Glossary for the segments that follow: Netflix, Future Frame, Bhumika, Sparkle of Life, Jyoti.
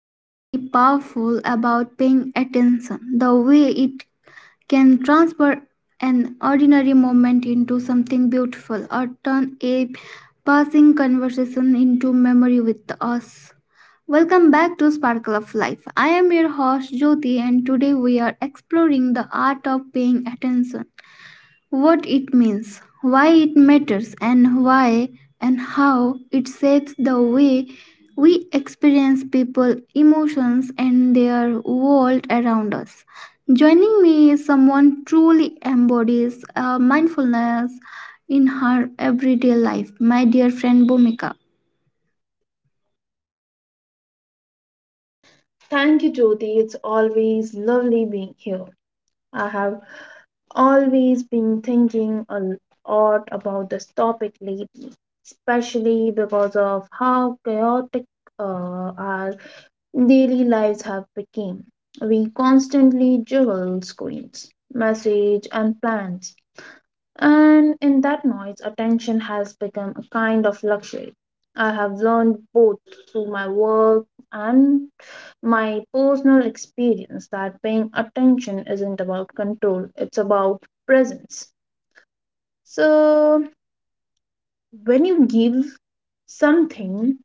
quietly powerful about paying attention, the way it can transfer an ordinary moment into something beautiful or turn a passing conversation into memory with us. Welcome back to Sparkle of Life. I am your host Jyoti and today we are exploring the art of paying attention, what it means, why it matters, and why and how it shapes the way we experience people, emotions, and their world around us. Joining me is someone truly embodies mindfulness in her everyday life, my dear friend Bhumika. Thank you, Jyoti. It's always lovely being here. I have always been thinking a lot about this topic lately, especially because of how chaotic uh, our daily lives have become. We constantly juggle screens, message, and plans, and in that noise, attention has become a kind of luxury. I have learned both through my work and my personal experience that paying attention isn't about control, it's about presence. So, when you give something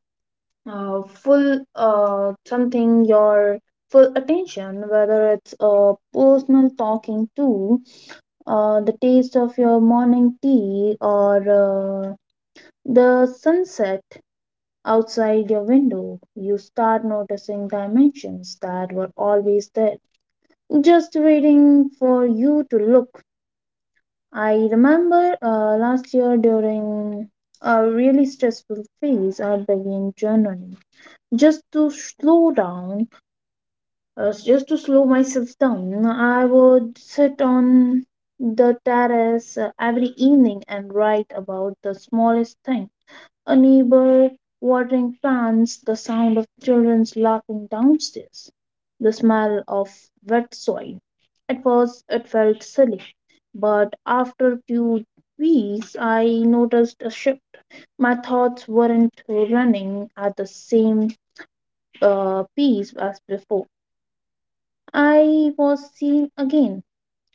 something your full attention, whether it's a personal talking to, the taste of your morning tea, or the sunset outside your window, you start noticing dimensions that were always there, just waiting for you to look. I remember last year during a really stressful phase, I began journaling just to slow down, just to slow myself down. I would sit on the terrace every evening and write about the smallest thing: a neighbor watering plants, the sound of children's laughing downstairs, the smell of wet soil. At first, it felt silly, but after a few weeks, I noticed a shift. My thoughts weren't running at the same pace as before. I was seeing again,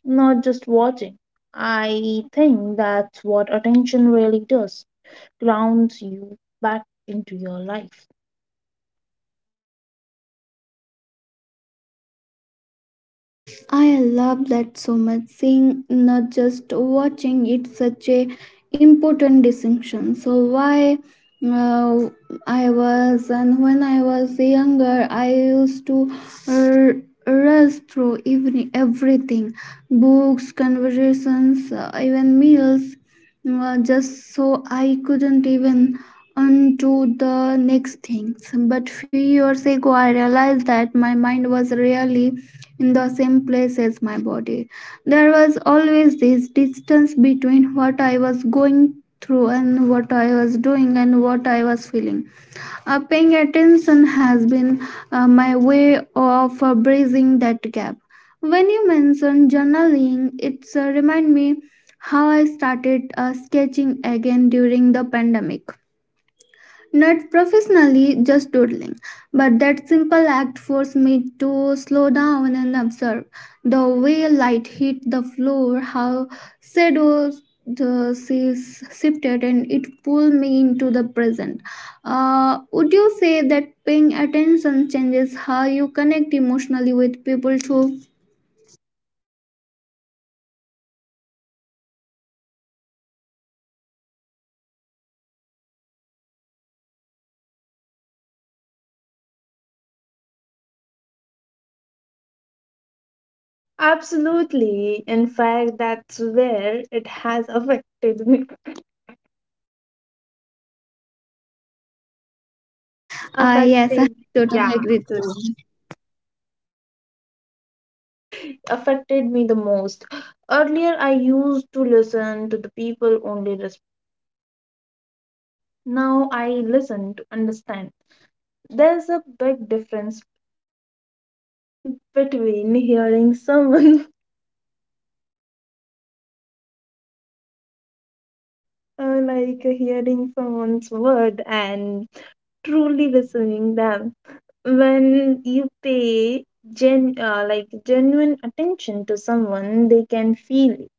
not just watching. I think that's what attention really does: grounds you back into your life. I love that so much. Seeing, not just watching, it's such a important distinction. So why uh, I was and When I was younger, I used to rush through even everything, books, conversations, even meals, just so I couldn't even on to the next things, but few years ago I realized that my mind was really in the same place as my body. There was always this distance between what I was going through and what I was doing and what I was feeling. Paying attention has been my way of bridging that gap. When you mentioned journaling, it remind me how I started sketching again during the pandemic. Not professionally, just doodling. But that simple act forced me to slow down and observe the way light hit the floor, how shadows the seas shifted, and it pulled me into the present. Would you say that paying attention changes how you connect emotionally with people too? Absolutely. In fact, that's where it has affected me. Uh, Ah, yes, I affected, totally yeah, agree with you. affected me the most. Earlier, I used to listen to the people only respect. Now I listen to understand. There's a big difference between hearing someone, like hearing someone's word, and truly listening them. When you pay gen like genuine attention to someone, they can feel it.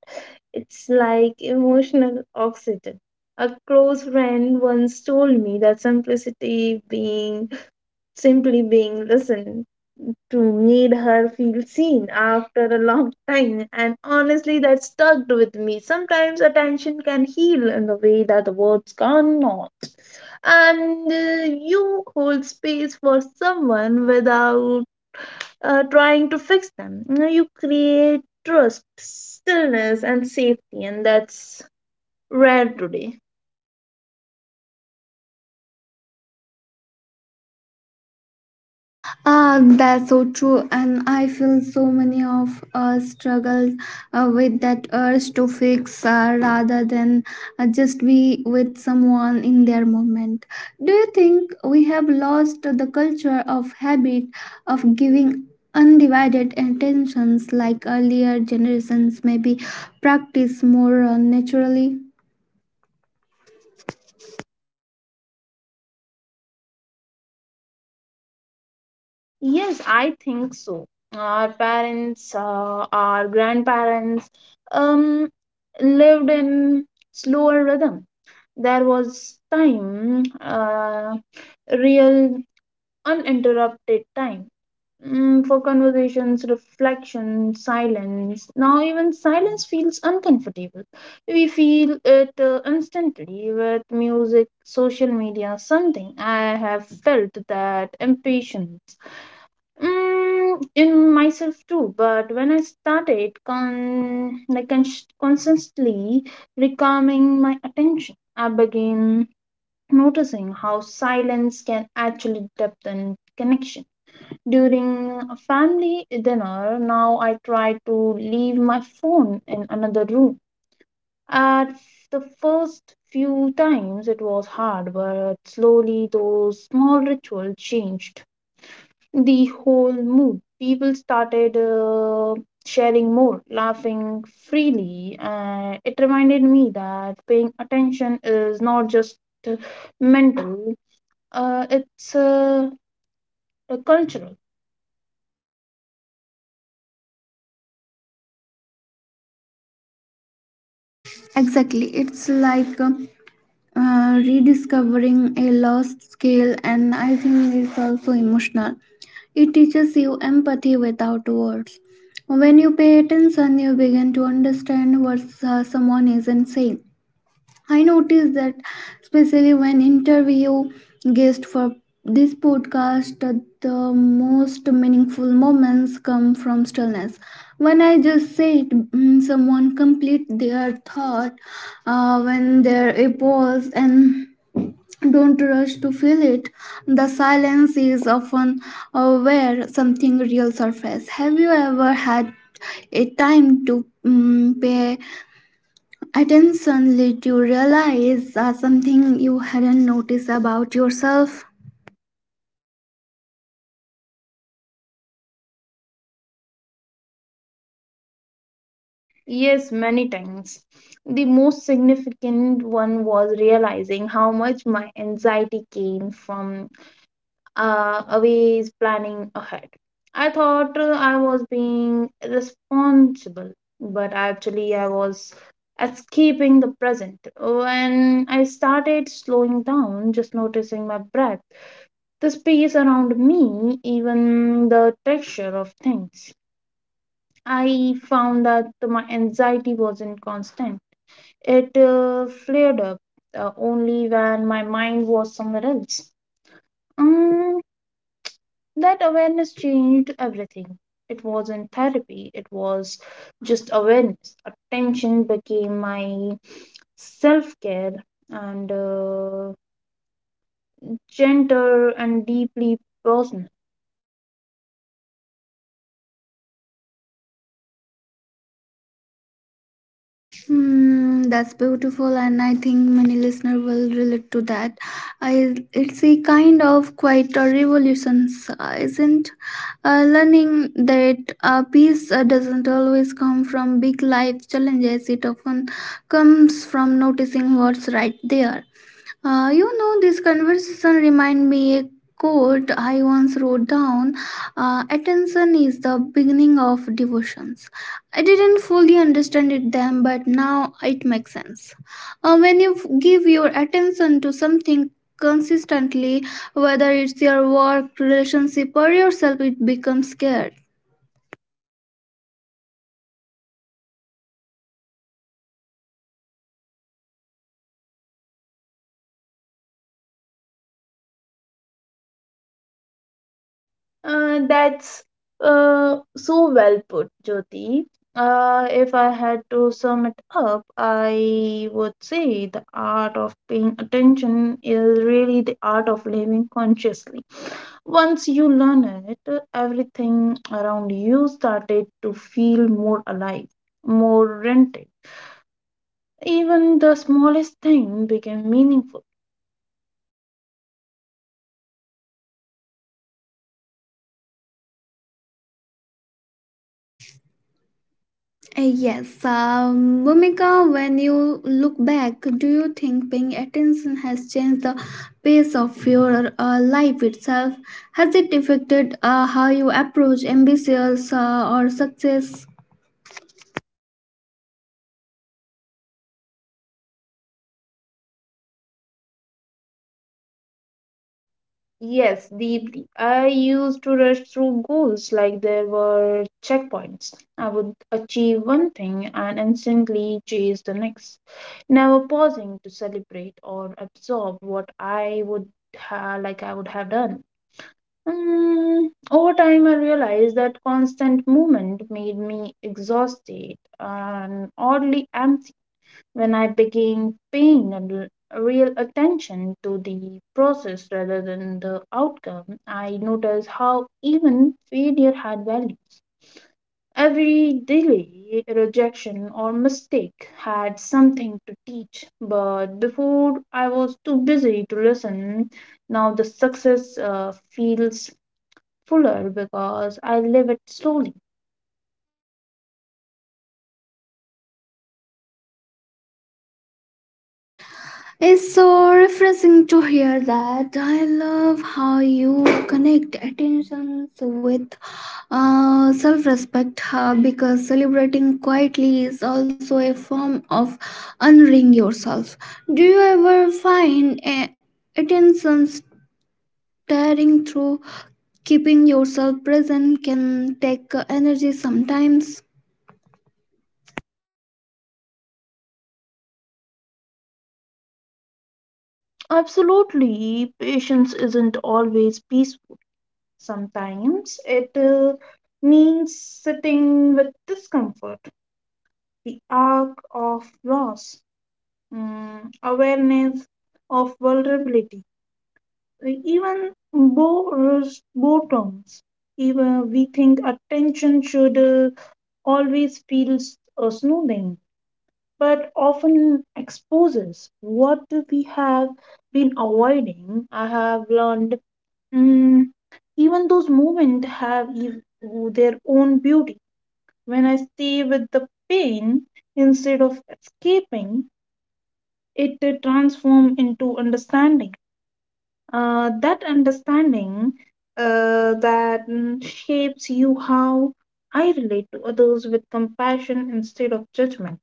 It's like emotional oxygen. A close friend once told me that simplicity being simply being listened to made her feel seen after a long time, and honestly that stuck with me. Sometimes attention can heal in the way that the words cannot, and you hold space for someone without trying to fix them. You know you create trust, stillness, and safety, and that's rare today. Ah, that's so true, and I feel so many of us struggle with that urge to fix rather than just be with someone in their moment. Do you think we have lost the culture of habit of giving undivided attentions like earlier generations maybe practice more naturally? Yes, I think so. Our parents, our grandparents, um, lived in slower rhythm. There was time, real uninterrupted time, for conversations, reflection, silence. Now even silence feels uncomfortable. We feel it instantly with music, social media, something. I have felt that impatience, mm, in myself too, but when I started constantly recalming my attention, I began noticing how silence can actually deepen connection. During a family dinner, now I try to leave my phone in another room. At the first few times, it was hard, but slowly those small rituals changed the whole mood. People started sharing more, laughing freely, and it reminded me that paying attention is not just uh, mental, it's cultural. Exactly, it's like rediscovering a lost skill, and I think it's also emotional. It teaches you empathy without words. When you pay attention, you begin to understand what someone isn't saying. I noticed that especially when interview guests for this podcast, that the most meaningful moments come from stillness. When I just said mm, someone complete their thought, when there a pause and don't rush to feel it, the silence is often where something real surface. Have you ever had a time to mm pay attention let you realize something you hadn't noticed about yourself? Yes, many times. The most significant one was realizing how much my anxiety came from ways planning ahead. I thought I was being responsible, but actually I was escaping the present. When I started slowing down, just noticing my breath, the space around me, even the texture of things, I found that my anxiety wasn't constant. It flared up only when my mind was somewhere else. Mm, that awareness changed everything. It wasn't therapy, it was just awareness. Attention became my self care, and gentle and deeply personal. Hmm, that's beautiful and I think many listeners will relate to that. I, it's a kind of quite a revolution, isn't learning that peace doesn't always come from big life challenges, it often comes from noticing what's right there. You know, this conversation remind me a quote I once wrote down. Attention is the beginning of devotions. I didn't fully understand it then, but now it makes sense. When you give your attention to something consistently, whether it's your work, relationship, or yourself, it becomes scared. That's so well put, Jyoti. If I had to sum it up, I would say the art of paying attention is really the art of living consciously. Once you learn it, everything around you started to feel more alive, more rented. Even the smallest thing became meaningful. Yes, Bhumika, when you look back, do you think paying attention has changed the pace of your life itself? Has it affected how you approach ambitions or success? Yes, deeply. I used to rush through goals like there were checkpoints. I would achieve one thing and instantly chase the next, never pausing to celebrate or absorb what like I would have done. Mm, over time, I realized that constant movement made me exhausted and oddly empty. When I began a real attention to the process rather than the outcome, I noticed how even failure had values. Every delay, rejection, or mistake had something to teach, but before I was too busy to listen. Now the success feels fuller because I live it slowly. It's so refreshing to hear that. I love how you connect attentions with self respect because celebrating quietly is also a form of honoring yourself. Do you ever find a attention staring through? Keeping yourself present can take energy sometimes. Absolutely, patience isn't always peaceful. Sometimes it means sitting with discomfort, the arc of loss, mm, awareness of vulnerability, even boredoms. Even we think attention should always feel soothing, but often exposes what we have been avoiding. I have learned, mm, even those moments have their own beauty. When I stay with the pain instead of escaping, it transforms into understanding. That understanding, shapes you how I relate to others with compassion instead of judgment.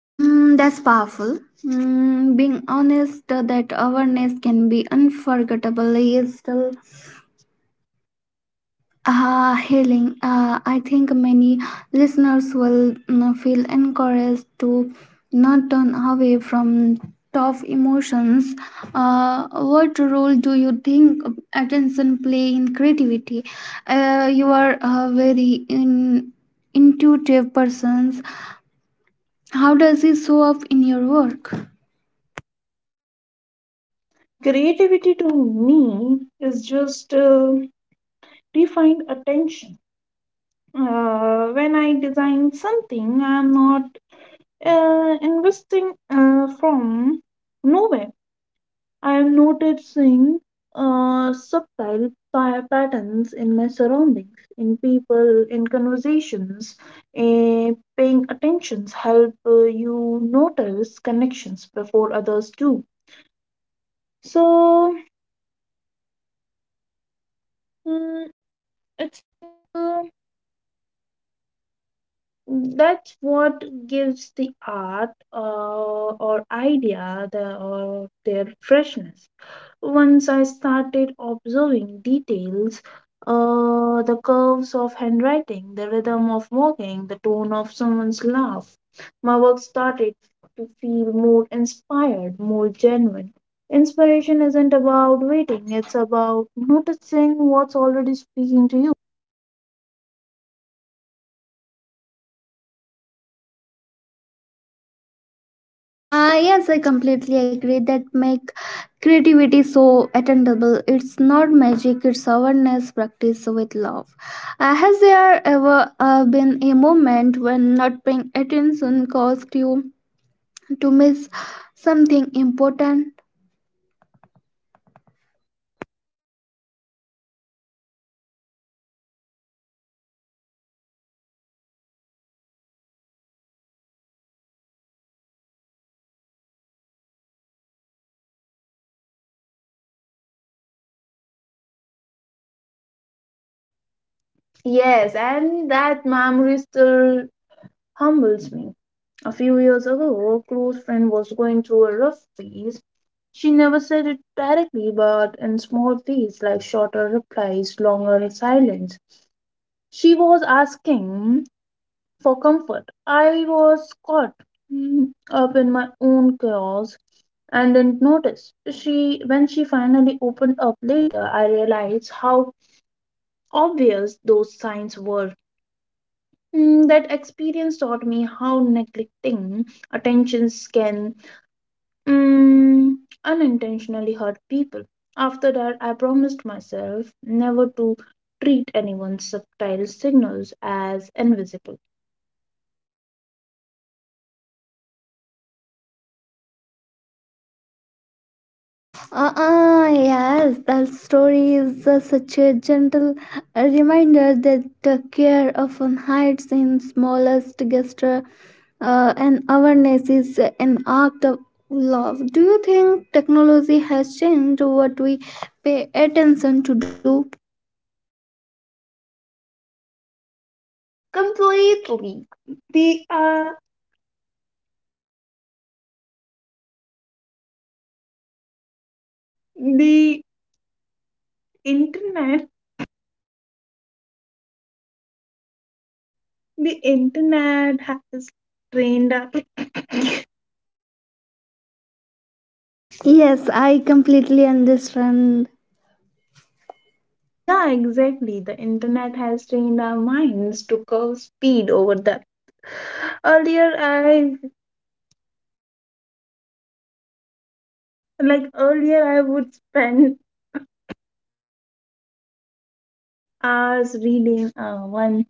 Mm, that's powerful. Mm, being honest that awareness can be unforgettable is still, ah, healing. Ah, I think many listeners will mm, feel encouraged to not turn away from tough emotions. What role do you think attention play in creativity? You are a very intuitive person. How does it show up in your work? Creativity to me is just defined attention. When I design something, I am not investing from nowhere. I am noticing subtle patterns in my surroundings, in people, in conversations. Uh, Paying attentions help you notice connections before others do. So, mm, it's uh, that's what gives the art or idea or their freshness. Once I started observing details, the curves of handwriting, the rhythm of walking, the tone of someone's laugh, my work started to feel more inspired, more genuine. Inspiration isn't about waiting, it's about noticing what's already speaking to you. Yes, I completely agree. That make creativity so attainable. It's not magic; it's awareness, practice with love. Has there ever been a moment when not paying attention caused you to miss something important? Yes, and that memory still humbles me. A few years ago, a close friend was going through a rough phase. She never said it directly, but in small ways like shorter replies, longer silence. She was asking for comfort. I was caught, mm, up in my own chaos and didn't notice. When she finally opened up later, I realized how obvious those signs were. Mm, that experience taught me how neglecting attentions can, mm, unintentionally hurt people. After that, I promised myself never to treat anyone's subtle signals as invisible. Uh-uh, yes, that story is such a gentle reminder that care often hides in smallest gesture, and awareness is an act of love. Do you think technology has changed what we pay attention to do? Completely. The, uh, the internet, the internet has trained us. Yes, I completely understand. Yeah, exactly. The internet has trained our minds to curve speed over depth. Earlier, I Earlier I would spend hours reading one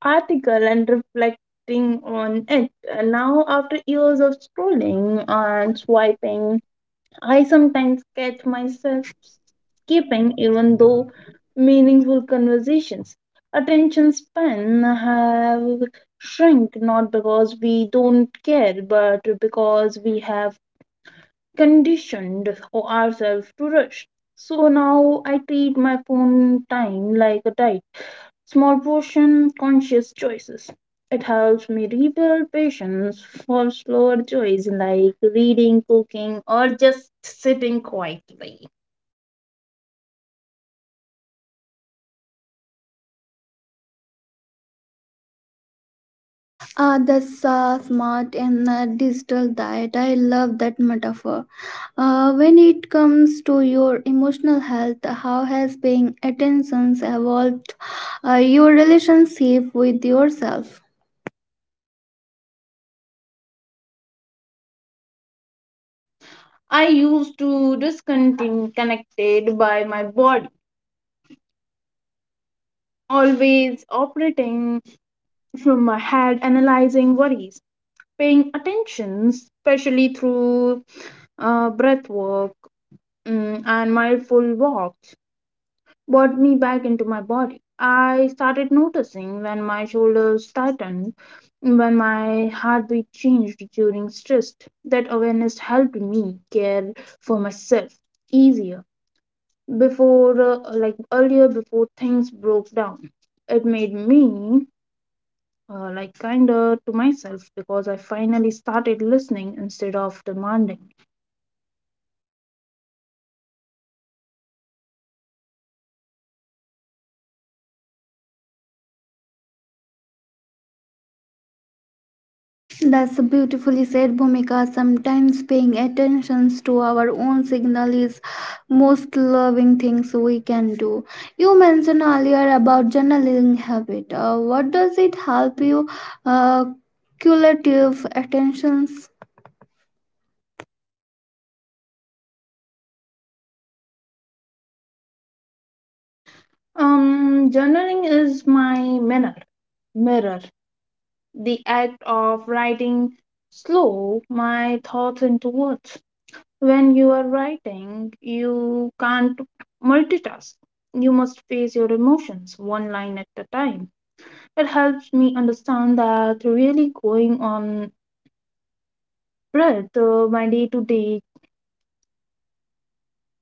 article and reflecting on it. And now, after years of Yes, sir. scrolling and swiping, I sometimes catch myself skipping even though meaningful conversations. Attention span have shrunk not because we don't care, but because we have conditioned ourselves to rush. So now I treat my phone time like a diet. Small portion, conscious choices. It helps me rebuild patience for slower joys like reading, cooking, or just sitting quietly. That's a smart and digital diet. I love that metaphor. When it comes to your emotional health, how has paying attentions evolved your relationship with yourself? I used to discontinue connected by my body, always operating from my head, analyzing worries. Paying attention, especially through breath work, mm, and mindful walks, brought me back into my body. I started noticing when my shoulders tightened, when my heartbeat changed during stress. That awareness helped me care for myself easier. Before things broke down, it made me like kinder to myself because I finally started listening instead of demanding. That's beautifully said, Bhumika. Sometimes paying attentions to our own signal is most loving things we can do. You mentioned earlier about journaling habit. What does it help you? Uh, Cumulative attentions. Journaling is my mirror. mirror the act of writing slow my thoughts into words. When you are writing you can't multitask. You must face your emotions one line at a time. It helps me understand that really going on breath, my day to day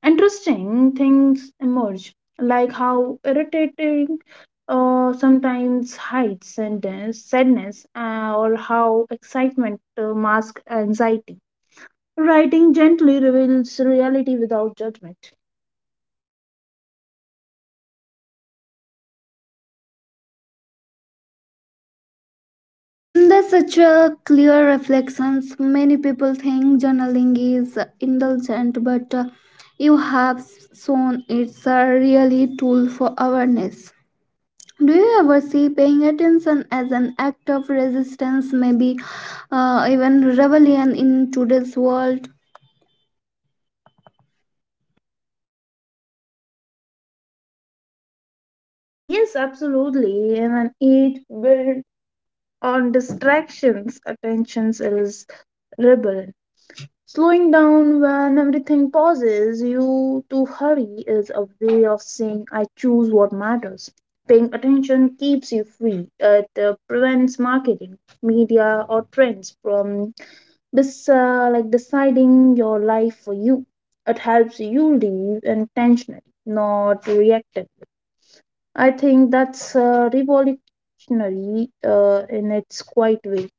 interesting things emerge, like how irritating sometimes hides sadness, or how excitement masks anxiety. Writing gently reveals reality without judgment. Mm, that's such a clear reflection. Many people think journaling is indulgent, but you have shown it's a really tool for awareness. Do you ever see paying attention as an act of resistance, maybe even rebellion in today's world? Yes, absolutely. And an age built on distractions, attentions is rebellion. Slowing down when everything pauses, you to hurry is a way of saying, I choose what matters. Paying attention keeps you free. It prevents marketing, media, or trends from this like deciding your life for you. It helps you live intentionally, not reactively. I think that's revolutionary in its quiet way.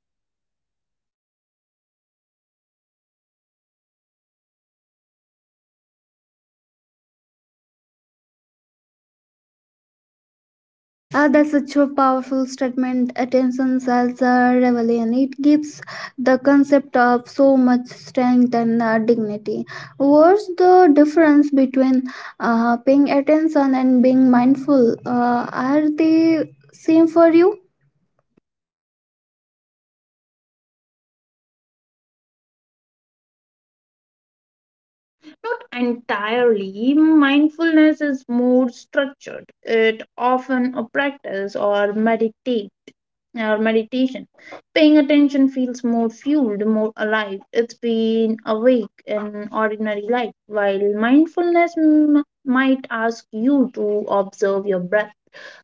That's such a powerful statement. Attention as a rebellion. It gives the concept of so much strength and dignity. What's the difference between paying attention and being mindful? Are they same for you? Not entirely. Mindfulness is more structured. It often a practice or meditation. Paying attention feels more fueled, more alive. It's been awake in ordinary life, while mindfulness might ask you to observe your breath.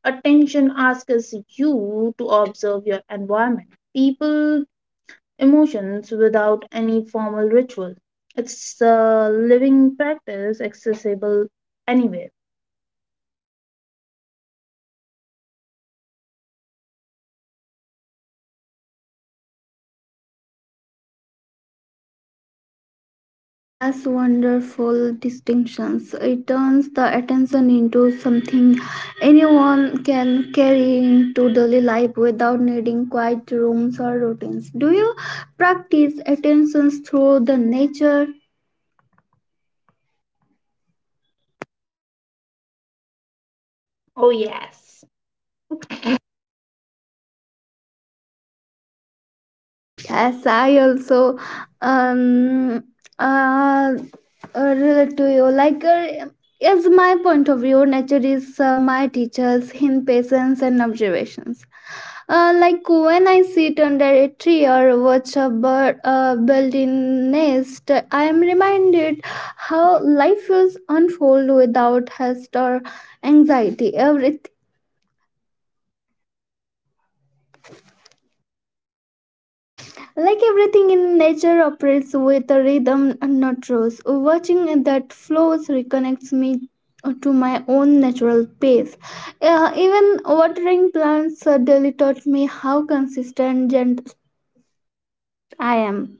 Attention asks you to observe your environment. People, emotions, without any formal ritual. It's a living practice accessible anywhere. That's wonderful distinctions. It turns the attention into something anyone can carry into daily life without needing quiet rooms or routines. Do you practice attentions through the nature? Yes, I also um uh, relate to you. Like as my point of view, nature is my teachers in patience and observations. Like when I sit under a tree or watch a bird build in nest, I am reminded how life feels unfold without haste or anxiety. Everything, like everything in nature, operates with a rhythm and not rules. Watching that flows reconnects me to my own natural pace. Even watering plants daily taught me how consistent and gentle I am.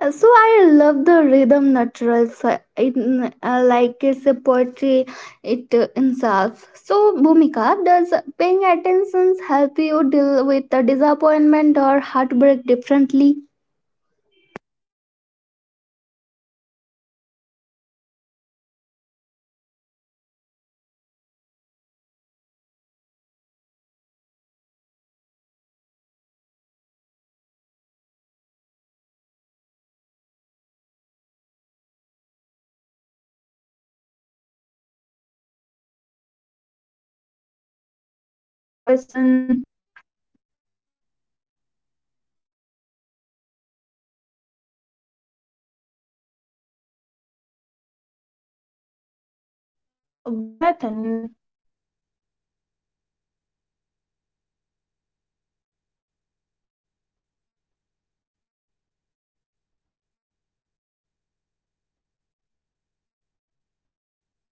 So I love the rhythm natural so it, like it's a poetry it itself. So Bhumika, does paying attention help you deal with the disappointment or heartbreak differently? It does. Earlier, when something painful happened, I would numb myself automatically. Music, scrolling, work. Now I sit with, with it. I listen my sadness like. Story being told, often hidden breath, and pain is a part of yourself asking to be heard. Paying attention doesn't erase heartbreak, it makes meaningful. It always heals to happen through awareness instead of escape.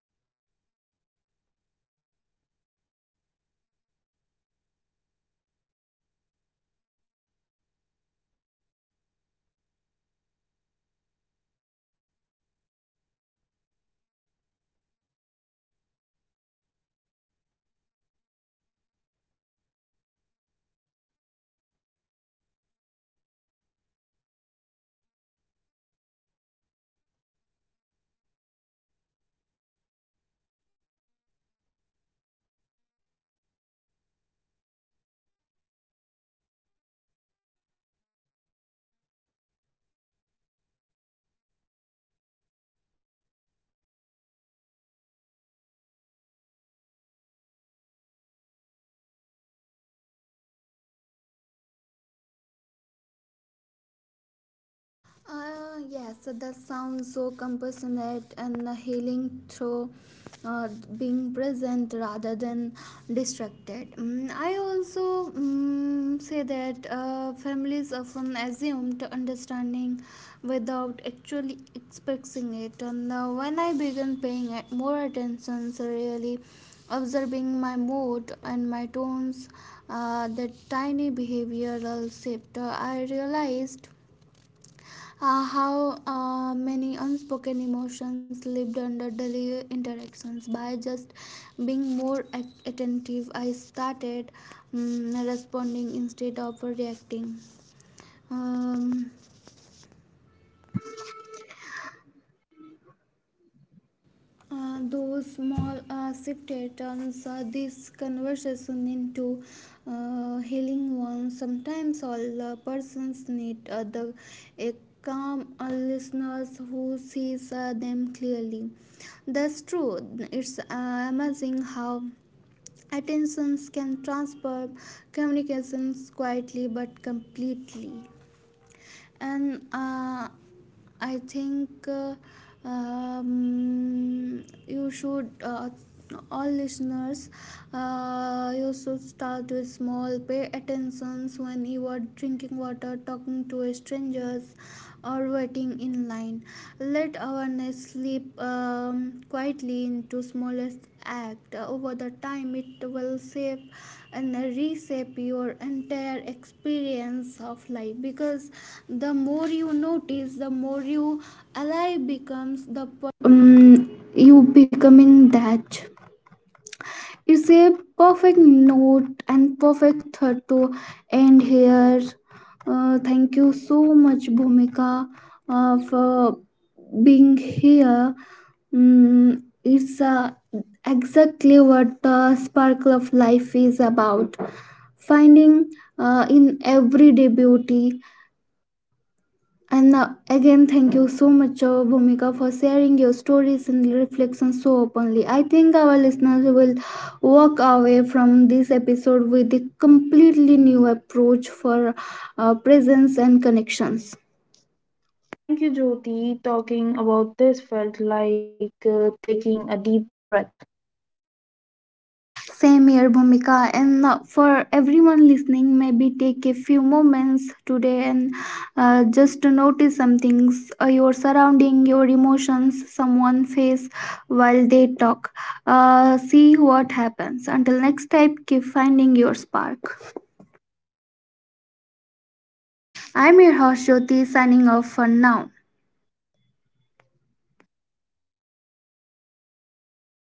Yes, so that sounds so compassionate and healing through uh, being present rather than distracted. Mm, I also mm, say that families often assume to understanding without actually expecting it. And when I began paying more attention, so really observing my mood and my tones, that tiny behavioral shift, I realized how many unspoken emotions lived under daily interactions. By just being more attentive, I started mm, responding instead of reacting. um, those small shifted turns this conversation into healing one. Sometimes all persons need a calm listeners who sees them clearly. That's true. It's amazing how attentions can transfer communications quietly but completely, and I think um, you should, all listeners, you should start with small pay attentions when you are drinking water, talking to strangers, or waiting in line. Let awareness slip quietly into smallest act. Over the time it will save and reshape your entire experience of life, because the more you notice, the more you alive becomes the you becoming that. It's a perfect note and perfect thought to end here. Thank you so much, Bhumika, for being here. Mm, it's exactly what the sparkle of life is about, finding in everyday beauty. And again, thank you so much, Bhumika, for sharing your stories and reflections so openly. I think our listeners will walk away from this episode with a completely new approach for presence and connections. Thank you, Jyoti. Talking about this felt like taking a deep breath. Same here, Bhumika. And for everyone listening, maybe take a few moments today and just to notice some things, your surrounding, your emotions, someone face while they talk. See what happens. Until next time, keep finding your spark. I'm your host, Jyoti, signing off for now.